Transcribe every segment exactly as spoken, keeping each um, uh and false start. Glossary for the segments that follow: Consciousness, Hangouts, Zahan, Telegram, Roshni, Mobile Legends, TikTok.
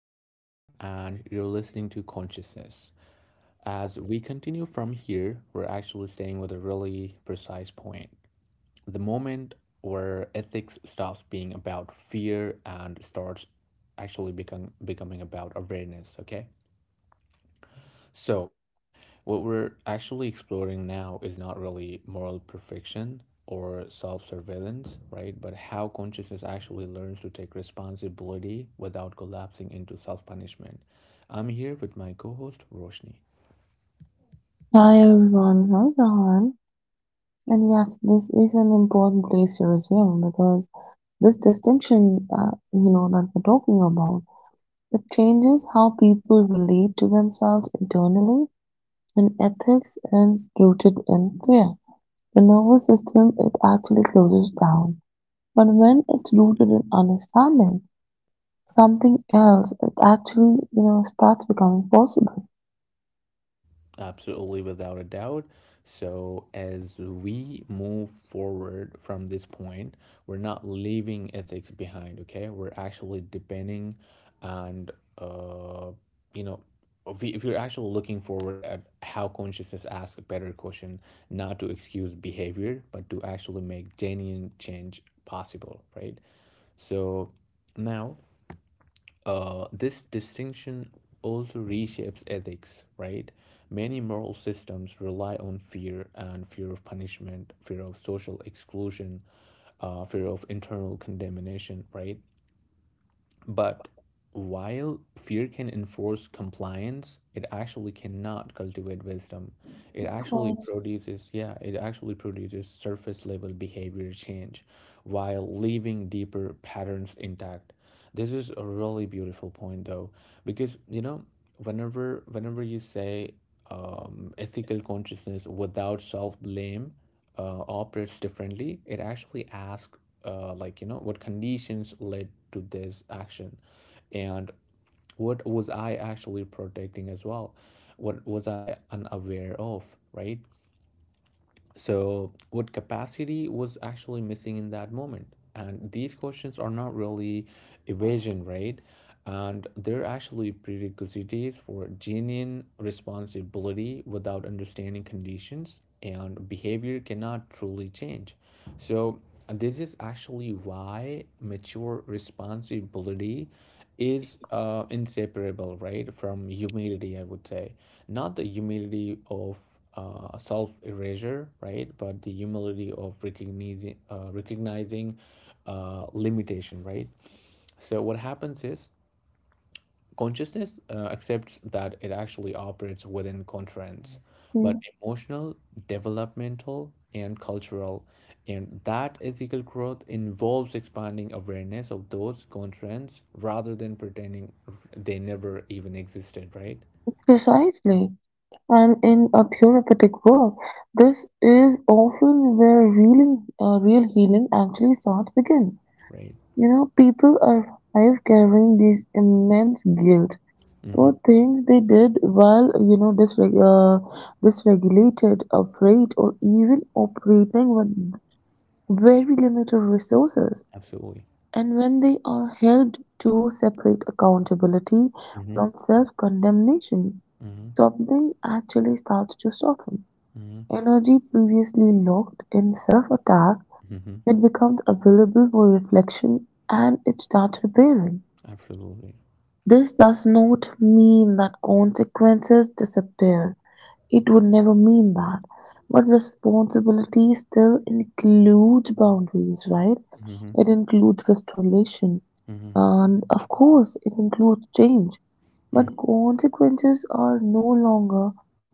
I'm Zahan, and you're listening to Consciousness. As we continue from here, we're actually staying with a really precise point, the moment where ethics stops being about fear and starts actually become, becoming about awareness, okay? So, what we're actually exploring now is not really moral perfection or self surveillance, right? But how consciousness actually learns to take responsibility without collapsing into self punishment. I'm here with my co host, Roshni. Hi everyone, hi Zahan. And yes, this is an important place to resume because this distinction, uh, you know, that we're talking about, it changes how people relate to themselves internally, and ethics is rooted in fear. The nervous system, it actually closes down. But when it's rooted in understanding, something else, it actually, you know, starts becoming possible. Absolutely, without a doubt. So, as we move forward from this point, we're not leaving ethics behind, okay? We're actually depending and, uh, you know, if we- if you're actually looking forward at how consciousness asks a better question, not to excuse behavior, but to actually make genuine change possible, right? So, now uh, this distinction also reshapes ethics, right? Many moral systems rely on fear and fear of punishment, fear of social exclusion, uh, fear of internal condemnation, right? But while fear can enforce compliance, it actually cannot cultivate wisdom. It actually Of. produces, yeah, it actually produces surface level behavior change while leaving deeper patterns intact. This is a really beautiful point though, because you know, whenever whenever you say um, ethical consciousness without self blame uh, operates differently. It actually asks, uh, like, you know, what conditions led to this action and what was I actually protecting as well? What was I unaware of, right? So, what capacity was actually missing in that moment? And these questions are not really evasion, right? And they're actually prerequisites for genuine responsibility without understanding conditions, and behavior cannot truly change. So, this is actually why mature responsibility is uh, inseparable, right, from humility, I would say. Not the humility of uh, self erasure, right? But the humility of recognizing uh, recognizing uh, limitation, right? So what happens is consciousness uh, accepts that it actually operates within constraints, but Mm. emotional, developmental, and cultural, and that ethical growth involves expanding awareness of those constraints rather than pretending they never even existed, right? Precisely. And in a therapeutic work, this is often where real, uh, real healing actually starts begin. Right. You know, people arrive carrying this immense guilt Mm-hmm. for things they did while, you know, disreg- uh, dysregulated, afraid, or even operating with very limited resources. Absolutely. And when they are held to separate accountability Mm-hmm. from self condemnation, Mm-hmm. something actually starts to soften. Mm-hmm. Energy previously locked in self-attack Hmm. then becomes available for reflection and it starts repairing. Absolutely. This does not mean that consequences disappear. It would never mean that. But responsibility still includes boundaries, right? Hmm. It includes restoration. Hmm. And of course, it includes change. Hmm. But consequences are no longer,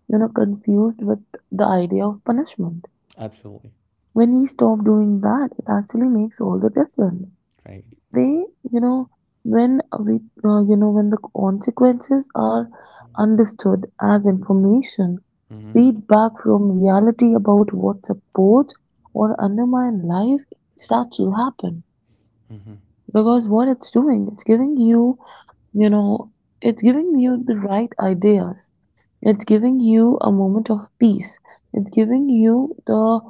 you know, confused with the idea of punishment Absolutely. when we stop doing that, it actually makes all the difference. Right. They, you know, when we, uh, you know, when the consequences are understood as information, Hmm. feedback from reality about what supports or undermines life starts to happen. Hmm. Because what it's doing, it's giving you, you know, it's giving you the right ideas, it's giving you a moment of peace. It's giving you the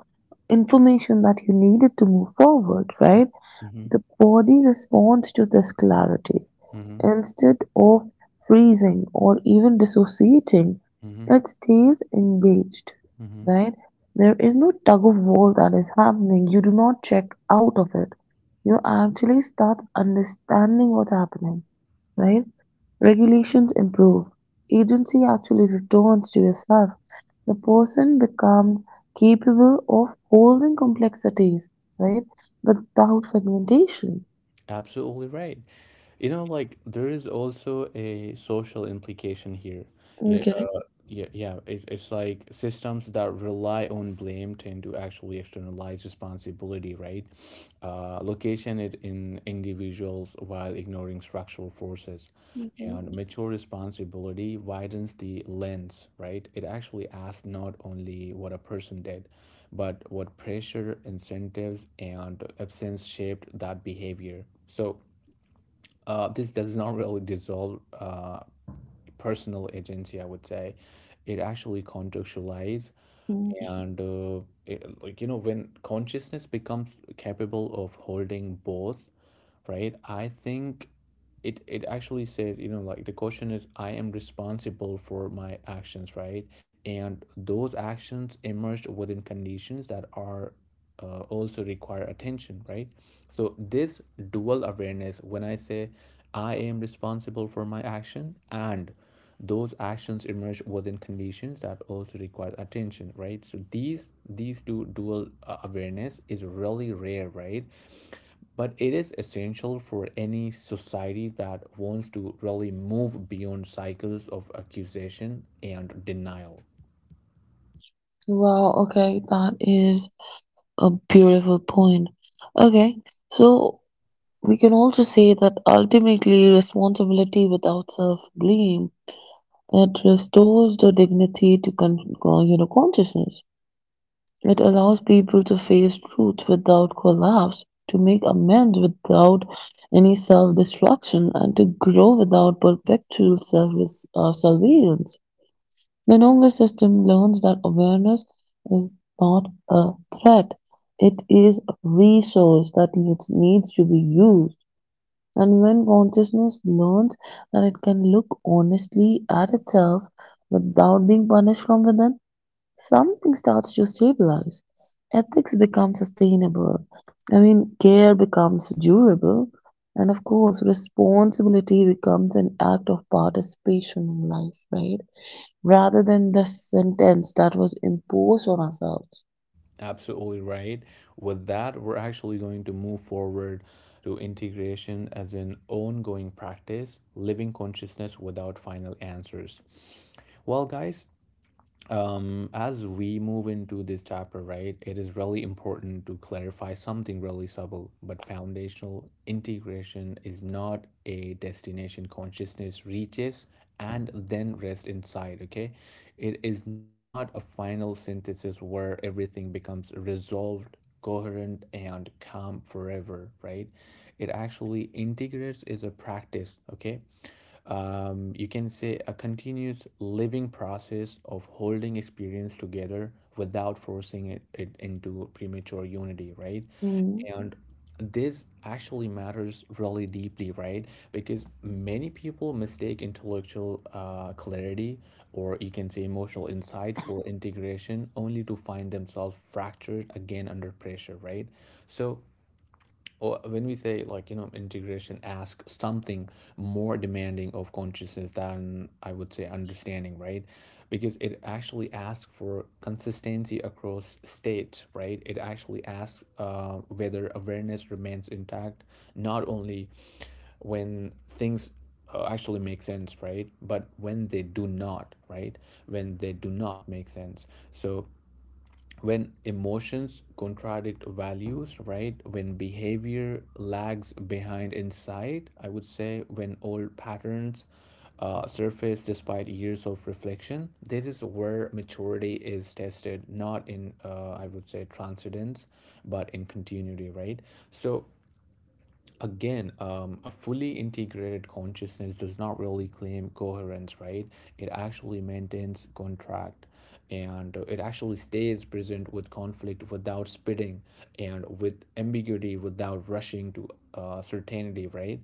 information that you needed to move forward, right? Hmm. The body responds to this clarity. Hmm. Instead of freezing or even dissociating, Hmm. it stays engaged, Hmm. right? There is no tug of war that is happening. You do not check out of it. You actually start understanding what's happening, right? Regulations improve. Agency actually returns to yourself. The person becomes capable of holding complexities, right? But without fragmentation. Absolutely right. You know, like there is also a social implication here. Yeah, Okay. uh, Yeah, yeah, it's it's like systems that rely on blame tend to actually externalize responsibility, right? Uh, location it in individuals while ignoring structural forces, Hmm. and mature responsibility widens the lens, right? It actually asks not only what a person did, but what pressure, incentives, and absence shaped that behavior. So uh, this does not really dissolve uh, personal agency, I would say, it actually contextualize Mm. and uh, it, like you know, when consciousness becomes capable of holding both, right, I think it it actually says, you know, like the question is, I am responsible for my actions, right, and those actions emerged within conditions that are uh, also require attention, right. So this dual awareness, when I say I am responsible for my action and those actions emerge within conditions that also require attention, right, so these these two dual uh, awareness is really rare, right, but it is essential for any society that wants to really move beyond cycles of accusation and denial. Wow, okay, that is a beautiful point. Okay, so we can also say that ultimately responsibility without self-blame, it restores the dignity to con uh, you know consciousness. It allows people to face truth without collapse, to make amends without any self-destruction, and to grow without perpetual self uh, surveillance. The Nonga system learns that awareness is not a threat. It is a resource that needs, needs to be used. And when consciousness learns that it can look honestly at itself without being punished from within, something starts to stabilize. Ethics become sustainable. I mean, care becomes durable. And of course, responsibility becomes an act of participation in life, right? Rather than the sentence that was imposed on ourselves. Absolutely right. With that, we're actually going to move forward to integration as an ongoing practice, living consciousness without final answers. Well, guys, Um, as we move into this chapter, right, it is really important to clarify something really subtle but foundational. Integration is not a destination consciousness reaches and then rests inside, okay? It is not a final synthesis where everything becomes resolved, coherent, and calm forever, right? It actually integrates is a practice, okay? um, you can say a continuous living process of holding experience together without forcing it, it into premature unity, right, Mm. and this actually matters really deeply, right, because many people mistake intellectual uh, clarity, or you can say emotional insight, for integration, only to find themselves fractured again under pressure, right. So, or when we say, like, you know, integration ask something more demanding of consciousness than, I would say, understanding, right, because it actually asks for consistency across states, right. It actually asks uh, whether awareness remains intact, not only when things uh, actually make sense, right, but when they do not, right, when they do not make sense. So when emotions contradict values, right? When behavior lags behind insight, I would say, when old patterns uh, surface despite years of reflection, this is where maturity is tested, not in, uh, I would say, transcendence, but in continuity, right? So again, um, a fully integrated consciousness does not really claim coherence, right? It actually maintains contract, and it actually stays present with conflict without spitting, and with ambiguity without rushing to uh, certainty, right?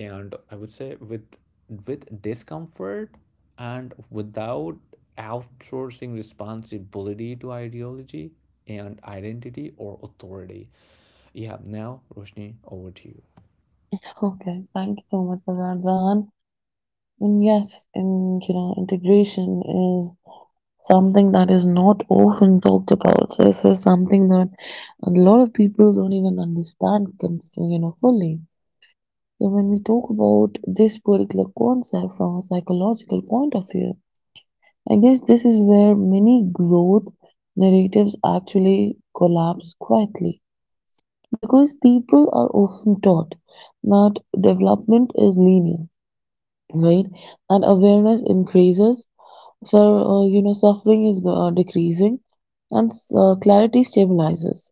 And I would say with with discomfort and without outsourcing responsibility to ideology and identity or authority. Yeah, now Roshni, over to you. Okay, thank you so much for that, Zahan. And yes, in, you know, integration is something that is not often talked about. So this is something that a lot of people don't even understand, con- you know, fully. So when we talk about this particular concept from a psychological point of view, I guess this is where many growth narratives actually collapse quietly because people are often taught that development is linear, right? And awareness increases. So, uh, you know, suffering is uh, decreasing and uh, clarity stabilizes.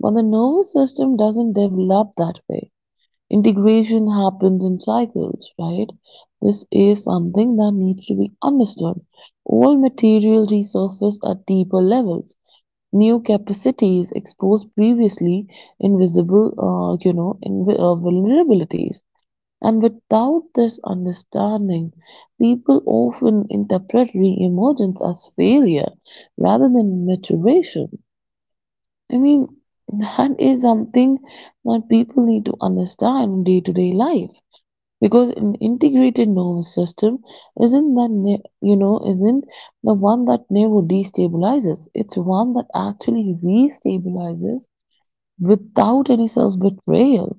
But the nervous system doesn't develop that way. Integration happens in cycles, right? This is something that needs to be understood. All material resurface at deeper levels. New capacities expose previously invisible, uh, you know, inv- uh, vulnerabilities. And without this understanding, people often interpret re-emergence as failure rather than maturation. I mean, that is something that people need to understand in day-to-day life because an integrated nervous system isn't that ne- you know isn't the one that never destabilizes. It's one that actually restabilizes without any self-betrayal,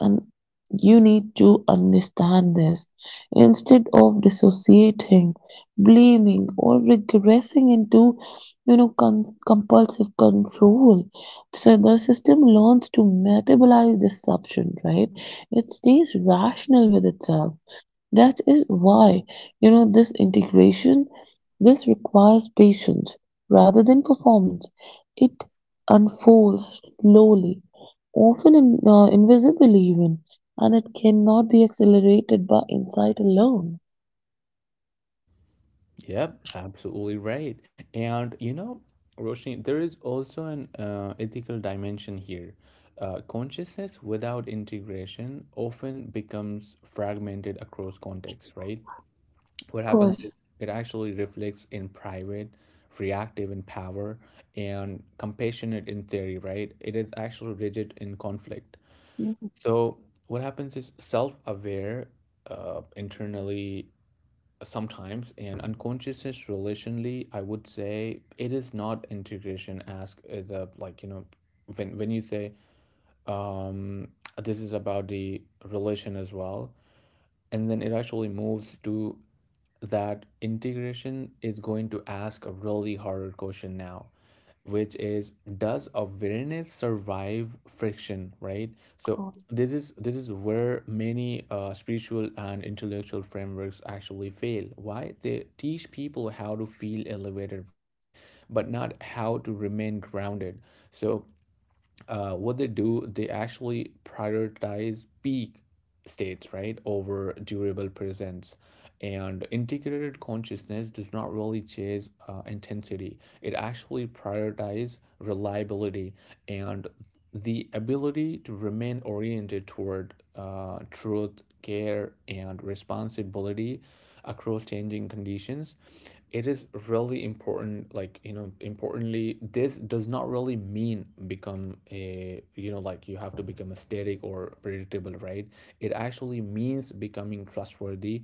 and you need to understand this instead of dissociating, blaming, or regressing into you know con- compulsive control. So the system learns to metabolize deception, right? It stays rational with itself. That is why, you know, this integration, this requires patience rather than performance. It unfolds slowly, often in, uh, invisibly even, and it cannot be accelerated by insight alone. Yep, absolutely right. And you know, Roshni, there is also an uh, ethical dimension here. Uh, consciousness without integration often becomes fragmented across contexts, right? What Of happens is course. it actually reflects in private, reactive in power, and compassionate in theory, right? It is actually rigid in conflict. Mhm. So, what happens is self aware, uh, internally sometimes and unconsciousness relationally, I would say it is not integration. As is a, like, you know, when when you say, um this is about the relation as well, and then it actually moves to that integration is going to ask a really harder question now, which is, does awareness survive friction, right? So Cool. this is this is where many uh, spiritual and intellectual frameworks actually fail. Why? They teach people how to feel elevated, right, but not how to remain grounded. So uh, what they do, they actually prioritize peak states, right, over durable presence. And integrated consciousness does not really chase uh, intensity, it actually prioritizes reliability and the ability to remain oriented toward uh, truth, care, and responsibility across changing conditions. It is really important, like, you know, importantly, this does not really mean become a, you know, like you have to become a static or predictable, right. It actually means becoming trustworthy,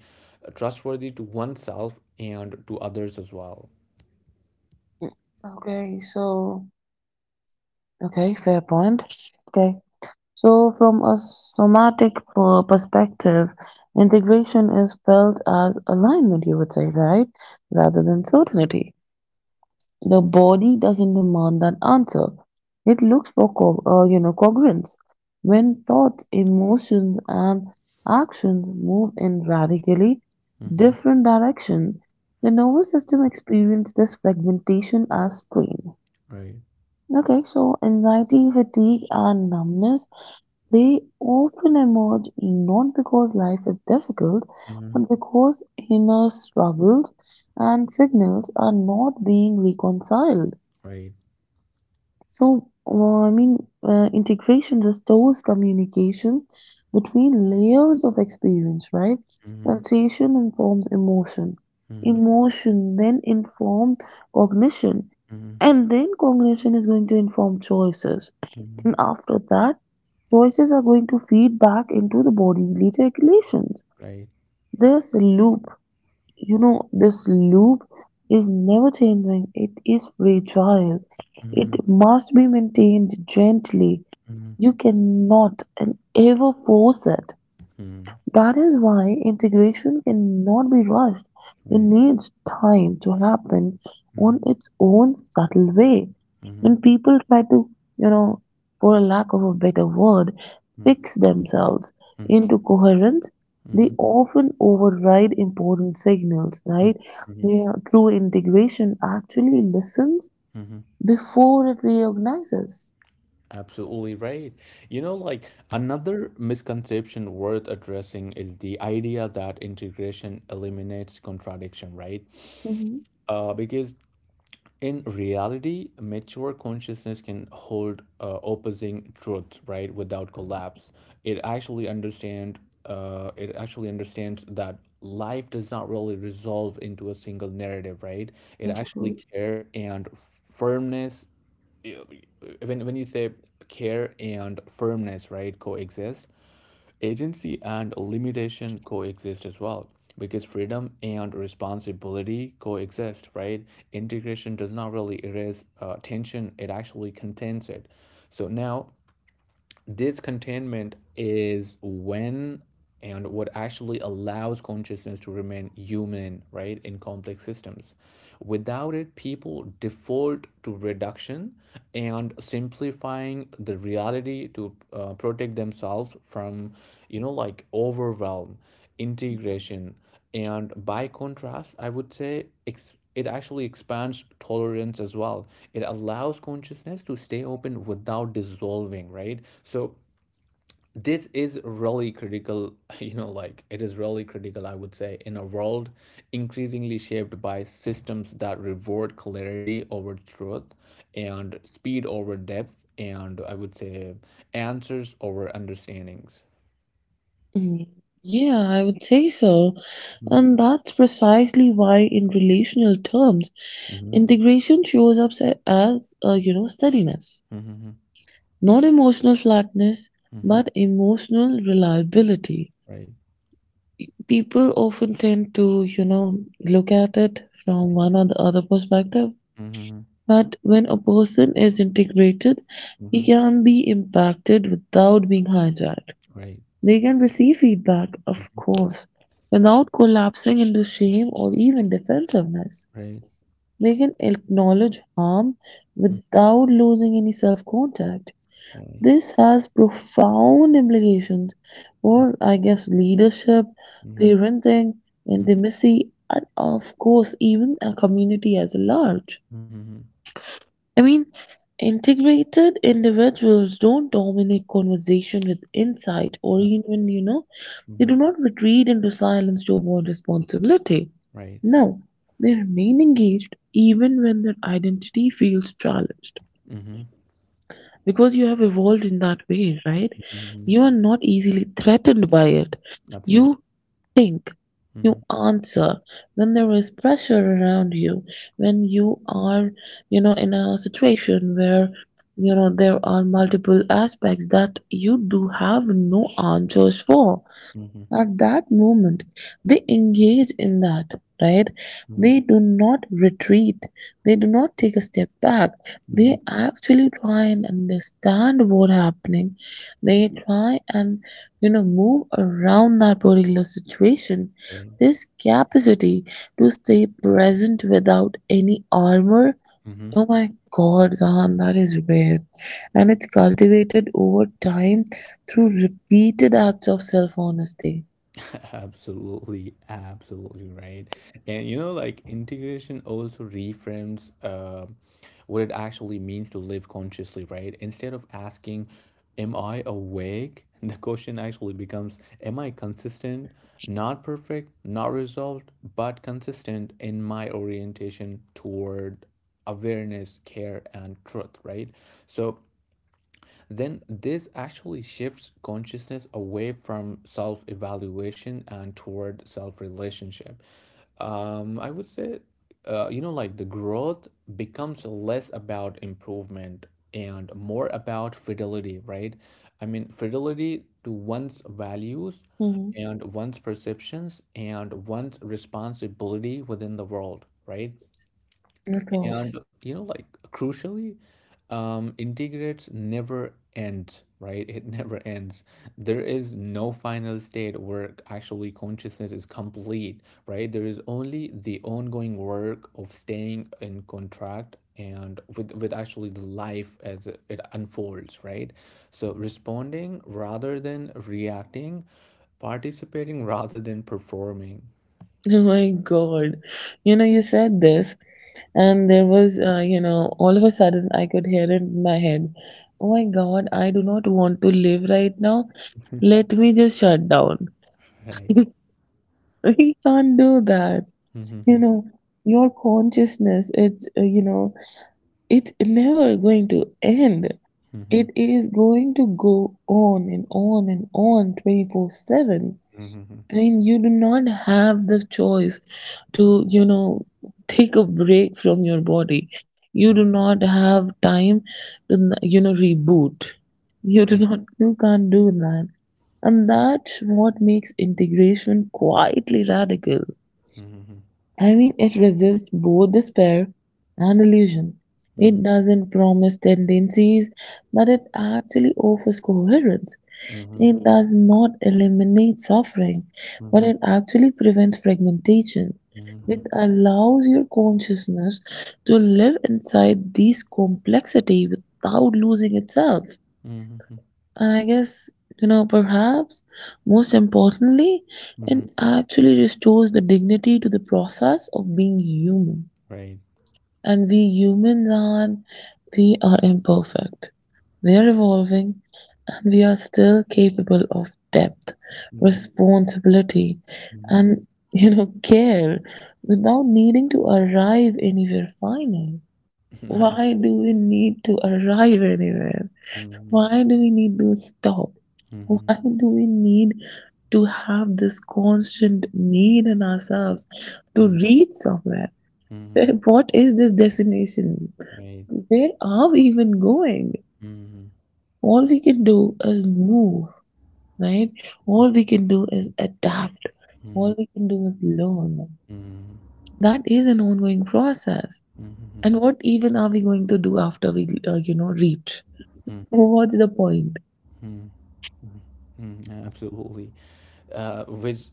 trustworthy to oneself and to others as well. Mm. Okay, so, okay, fair point. Okay, so from a somatic per- perspective, integration is felt as alignment, you would say, right? Rather than certainty. The body doesn't demand an answer. It looks for, co- uh, you know, congruence. When thoughts, emotions, and actions move in radically Mm-hmm. different directions, the nervous system experiences this fragmentation as strain. Right. Okay, so anxiety, fatigue, and numbness, they often emerge not because life is difficult, Mm-hmm. but because inner struggles and signals are not being reconciled. Right. So, uh, I mean, uh, integration restores communication between layers of experience, right? Mm-hmm. Sensation informs emotion. Mm-hmm. Emotion then informs cognition. Mm-hmm. And then cognition is going to inform choices. Mm-hmm. And after that, choices are going to feed back into the body heat regulations. Right. This loop, you know, this loop is never changing. It is fragile. Mm-hmm. It must be maintained gently. Mm-hmm. You cannot and ever force it. Mm-hmm. That is why integration cannot be rushed. It Right. needs time to happen Mm-hmm. on its own subtle way. Mm-hmm. When people try to, you know, for a lack of a better word, Mm-hmm. fix themselves into coherence, Mm-hmm. they Mm-hmm. often override important signals, right? Mm-hmm. Their true integration actually listens Mm-hmm. before it reorganizes. Absolutely right. You know, like another misconception worth addressing is the idea that integration eliminates contradiction, right? Mhm. Uh, because in reality, mature consciousness can hold uh, opposing truths, right, without collapse. It actually understand uh, it actually understands that life does not really resolve into a single narrative, right? It actually care and firmness, when when you say care and firmness, right, coexist. Agency and limitation coexist as well, because freedom and responsibility coexist, right. Integration does not really erase uh, tension, it actually contains it. So now, this containment is when and what actually allows consciousness to remain human, right, in complex systems. Without it, people default to reduction and simplifying the reality to uh, protect themselves from, you know, like overwhelm, integration, and by contrast, I would say ex- it actually expands tolerance as well. It allows consciousness to stay open without dissolving, right? So this is really critical, you know, like it is really critical, I would say, in a world increasingly shaped by systems that reward clarity over truth and speed over depth, and I would say answers over understandings. Mm. Yeah, I would say so. Mm-hmm. And that's precisely why in relational terms, Mm-hmm. integration shows up se- as, uh, you know, steadiness, Mm-hmm. not emotional flatness, but emotional reliability. Right. People often tend to, you know, look at it from one or the other perspective, Mm-hmm. but when a person is integrated, he Mhm. can be impacted without being hijacked. Right. They can receive feedback, of Mhm. course, without collapsing into shame or even defensiveness. Right. We can acknowledge harm Mm. without losing any self contact. Really. This has profound implications Mm. for, I guess, leadership, Mhm. parenting, Mm. intimacy, and of course, even a community as a large. Mhm. I mean, integrated individuals don't dominate conversation with insight or Absolutely. even, you know, they Mhm. do not retreat into silence to avoid responsibility. Right. No, they remain engaged even when their identity feels challenged. Mhm. Because you have evolved in that way, right? Mhm. You are not easily threatened by it. Absolutely. You think, Mhm. you answer when there is pressure around you, when you are, you know, in a situation where you know there are multiple aspects that you do have no answers for Mhm. at that moment, they engage in that, right? Mhm. They do not retreat. They do not take a step back. They Mhm. actually try and understand what's happening. They try and, you know move around that particular situation. Right. This capacity to stay present without any armor. Mhm. Oh my God, Zahan, that is rare. And it's cultivated over time through repeated acts of self honesty. Absolutely, absolutely right. And you know, like integration also reframes uh, what it actually means to live consciously, right? Instead of asking, am I awake? The question actually becomes, am I consistent? Not perfect, not resolved, but consistent in my orientation toward awareness, care, and truth, right? So, then this actually shifts consciousness away from self evaluation and toward self relationship. Um, I would say, uh, you know, like the growth becomes less about improvement and more about fidelity, right? I mean, fidelity to one's values Mhm. and one's perceptions and one's responsibility within the world, right? Of course. And you know, like, crucially, um integrates never ends, right, it never ends. There is no final state where actually consciousness is complete, right, there is only the ongoing work of staying in contract and with with actually the life as it it unfolds, right. So responding rather than reacting, participating rather than performing. Oh my God. You know, you said this, and there was, uh, you know, all of a sudden I could hear it in my head. Oh my God, I do not want to live right now. Let me just shut down. Right. We can't do that. you Mm-hmm. know your consciousness, it's uh, you know it's never going to end. Mm-hmm. It Mm-hmm. is going to go on and on and on twenty-four seven. Mm-hmm. I mean, you do not have the choice to, you know take a break from your body. Right. You do not have time to, you know reboot. You do Mm. not you can't do that. And that's what makes integration quietly radical. Mhm. I mean, it resists both despair and illusion. Mhm. It doesn't promise tendencies, but it actually offers coherence. Mhm. It does not eliminate suffering, but Mhm. it actually prevents fragmentation. Mhm. It allows your consciousness to live inside this complexity without losing itself. Mhm. Mhm. And I guess, you know, perhaps most importantly, it Mhm. actually restores the dignity to the process of being human. Right. And we humans are, we are imperfect. We are evolving and we are still capable of depth, Mhm. responsibility, Mhm. and, you know, care without needing to arrive anywhere final. Why Absolutely. do we need to arrive anywhere? Mhm. Why do we need to stop? Why Mhm. do we need to have this constant need in ourselves to Mhm. reach somewhere? Mhm. What is this destination? Right. Where are we even going? Mhm. All we can do is move, right? All we can do is adapt. Mhm. All we can do is learn. Mhm. That is an ongoing process. Mhm. And what even are we going to do after we, uh, you know, reach? Mhm. What's the point? Mhm. Mhm. Absolutely. Uh, which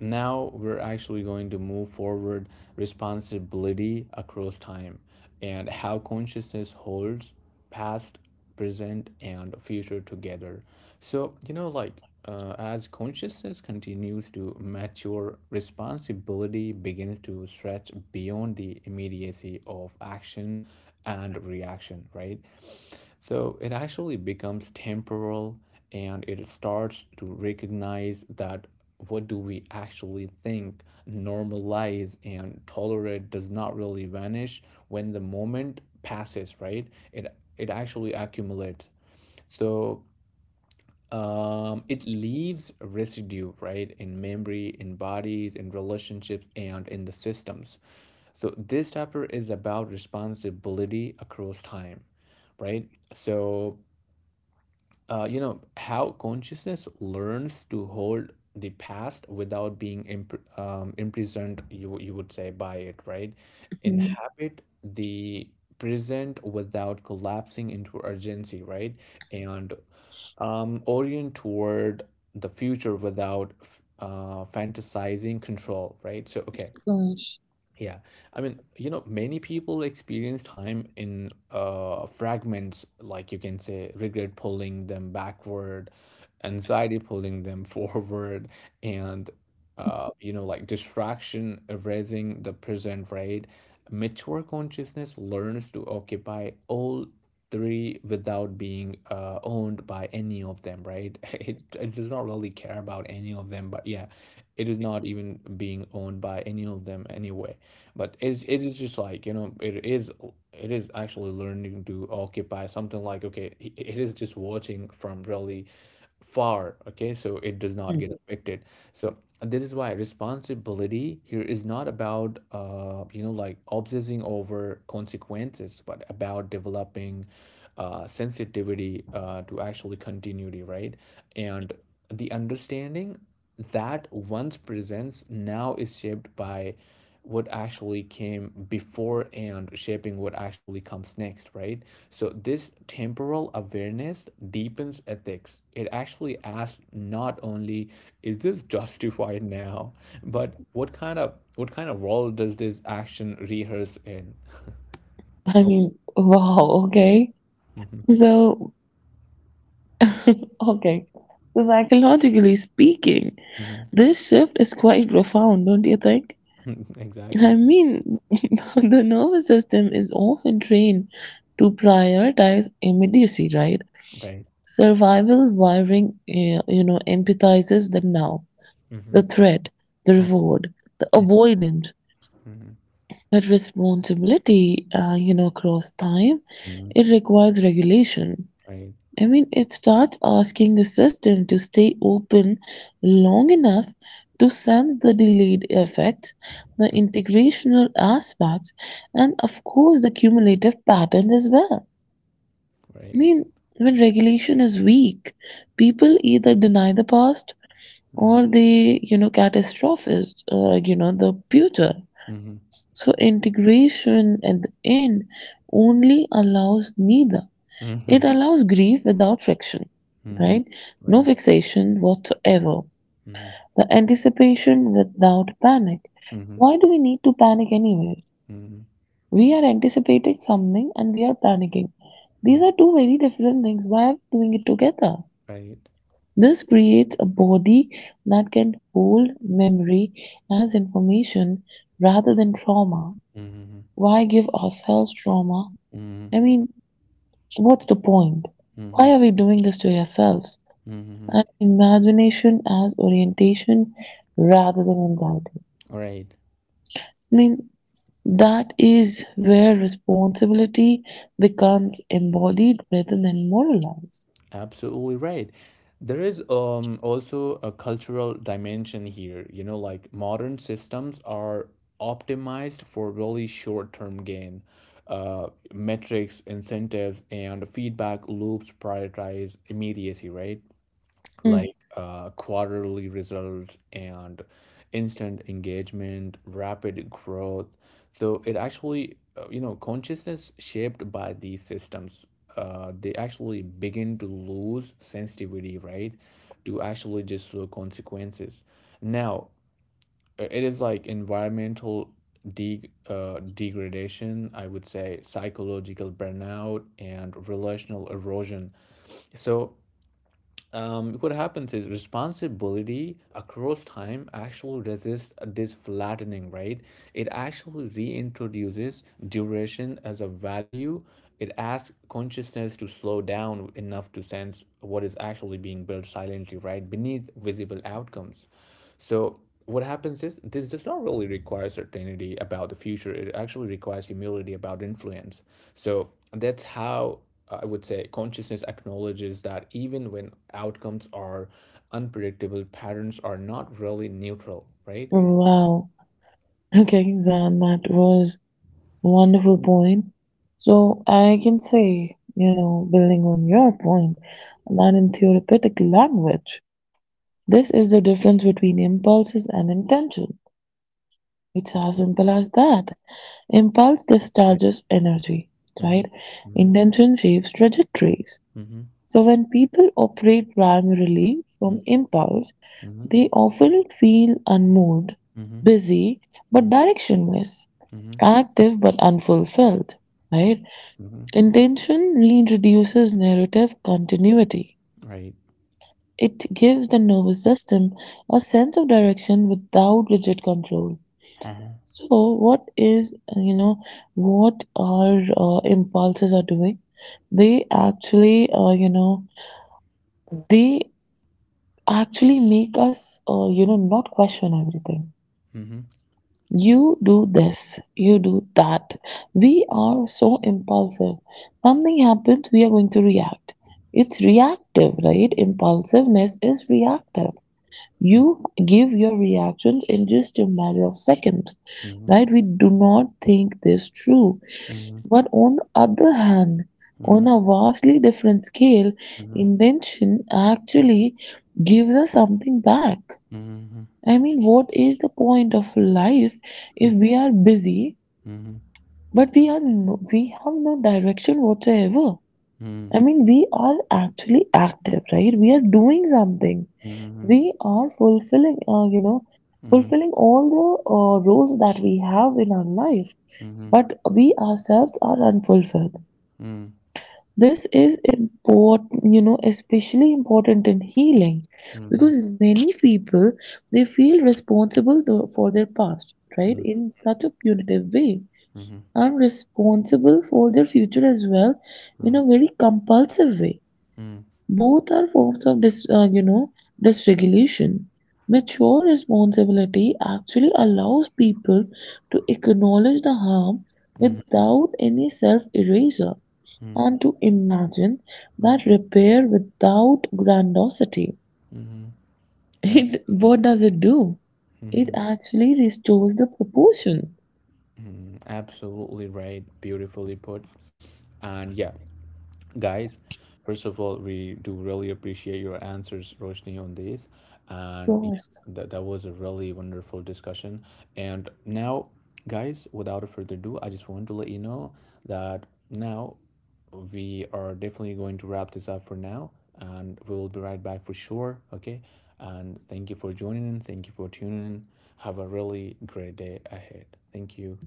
now we're actually going to move forward responsibility across time and how consciousness holds past, present and future together. so you know like uh, as consciousness continues to mature, responsibility begins to stretch beyond the immediacy of action and reaction, right? So it actually becomes temporal, and it starts to recognize that what do we actually think, normalize and tolerate does not really vanish when the moment passes, right? It it actually accumulates. So um it leaves residue, right, in memory, in bodies, in relationships and in the systems. So this chapter is about responsibility across time, right? So uh, you know how consciousness learns to hold the past without being imp- um, imprisoned, you you would say, by it, right? Mhm. Inhabit the present without collapsing into urgency, right? And um, orient toward the future without f- uh, fantasizing control, right? So okay, Gosh. yeah, I mean, you know, many people experience time in uh, fragments, like you can say regret pulling them backward, anxiety pulling them forward, and uh, you know, like distraction erasing the present, right? Mature consciousness learns to occupy all three without being uh, owned by any of them, right? It, it does not really care about any of them, but yeah, it is not even being owned by any of them anyway. But it's it is just like, you know, it is, it is actually learning to occupy something like, okay, it it is just watching from really far, okay, so it does not Hmm. get affected. So this is why responsibility here is not about uh you know like obsessing over consequences, but about developing uh sensitivity uh to actually continuity, right? And the understanding that one's presence now is shaped by what actually came before and shaping what actually comes next, right? So, this temporal awareness deepens ethics. It actually asks not only is this justified now, but what kind of what kind of role does this action rehearse in? I Oh, mean, wow, okay. mhm, So okay. So psychologically speaking, mhm, this shift is quite profound, don't you think? I exactly. mean, the nervous system is often trained to prioritize immediacy, right? Right. Survival wiring, eh, you know, empathizes the now, Mm-hmm. the threat, the reward, the avoidance. But responsibility, uh, you know, across time, Mm-hmm. it requires regulation. Right. I mean, it starts asking the system to stay open long enough to sense the delayed effect, the integrational aspects, and of course the cumulative patterns as well. Right. I mean, when regulation is weak, people either deny the past Mm-hmm. or they, you know, catastrophize, uh, you know, the future. Mm-hmm. So integration at the end only allows neither. It Mm-hmm. allows grief without friction, Mm-hmm. right? No Right. fixation whatsoever. Mm-hmm. The anticipation without panic. Mm-hmm. Why do we need to panic anyways? Mm-hmm. We are anticipating something and we are panicking. These are two very different things. Why are we doing it together? Right. This creates a body that can hold memory as information rather than trauma. Mm-hmm. Why give ourselves trauma? Mm-hmm. I mean, what's the point? Mm-hmm. Why are we doing this to ourselves? Mm-hmm. And imagination as orientation rather than anxiety. Right. I mean, that is where responsibility becomes embodied rather than moralized. Absolutely right. There is um also a cultural dimension here. You know, like modern systems are optimized for really short-term gain. Uh, Metrics, incentives, and feedback loops prioritize immediacy, right? Mm. Like uh, quarterly results and instant engagement, rapid growth. So it actually, uh, you know, consciousness shaped by these systems, uh, they actually begin to lose sensitivity, right? To actually just the consequences. Now, uh, it is like environmental de- uh, degradation, I would say, psychological burnout and relational erosion. So um, what happens is responsibility across time actually resists this flattening, right? It actually reintroduces duration as a value. It asks consciousness to slow down enough to sense what is actually being built silently, right? Beneath visible outcomes. So what happens is this does not really require certainty about the future. It actually requires humility about influence. So that's how I would say consciousness acknowledges that even when outcomes are unpredictable, patterns are not really neutral, right? Wow. Okay, Zan, that was wonderful point. So I can say, you know, building on your point, that in therapeutic language, this is the difference between impulses and intentions. It's as simple as that. Impulse Right. discharges energy, Mm-hmm. right? Mm-hmm. Intention shapes trajectories. Mm-hmm. So when people operate primarily from impulse, Mm-hmm. they often feel unmoved, Mm-hmm. busy, but Mm-hmm. directionless, Mm-hmm. active but unfulfilled, right? Mm-hmm. Intention reintroduces narrative continuity. Right. It gives the nervous system a sense of direction without rigid control. Uh-huh. So what is, uh, you know, what our uh, impulses are doing? They actually, uh, you know, they actually make us, uh, you know, not question everything. Mm-hmm. You do this, you do that. We are so impulsive. Something happens, we are going to react. It's reactive, right? Impulsiveness is reactive. You give your reactions in just a matter of seconds, Mm-hmm. right? We do not think this through. Mm-hmm. But on the other hand, Mm-hmm. on a vastly different scale, Mm-hmm. Mm-hmm. intention actually gives us something back. Mm-hmm. I mean, what is the point of life if we are busy Mm-hmm. but we are no, we have no direction whatsoever? I mean, we are actually active, right? We are doing something. Mm-hmm. Mm-hmm. Mm-hmm. Mm-hmm. We are fulfilling, uh, you know, Mm-hmm. fulfilling all the uh, roles that we have in our life, Mm-hmm. but we ourselves are unfulfilled. This is important, you know, especially important in healing because many people they feel responsible tho- for their past, right? In such a punitive way. I'm responsible for their future as well in a very compulsive way. Both are forms of dis, uh, you know, dysregulation. Mature responsibility actually allows people to acknowledge the harm Mm-hmm. without any self-eraser and Mm-hmm. to imagine that Mm-hmm. repair without grandiosity, Mm-hmm. it Absolutely. what does it do? It actually restores the proportion. Absolutely right. Beautifully put. And yeah, guys, first of all, we do really appreciate your answers, Roshni, on this. And yeah, Prost. that, that was a really wonderful discussion. And now, guys, without a further ado, I just want to let you know that now we are definitely going to wrap this up for now. And we will be right back for sure. Okay. And thank you for joining in. Thank you for tuning in. Have a really great day ahead. Thank you.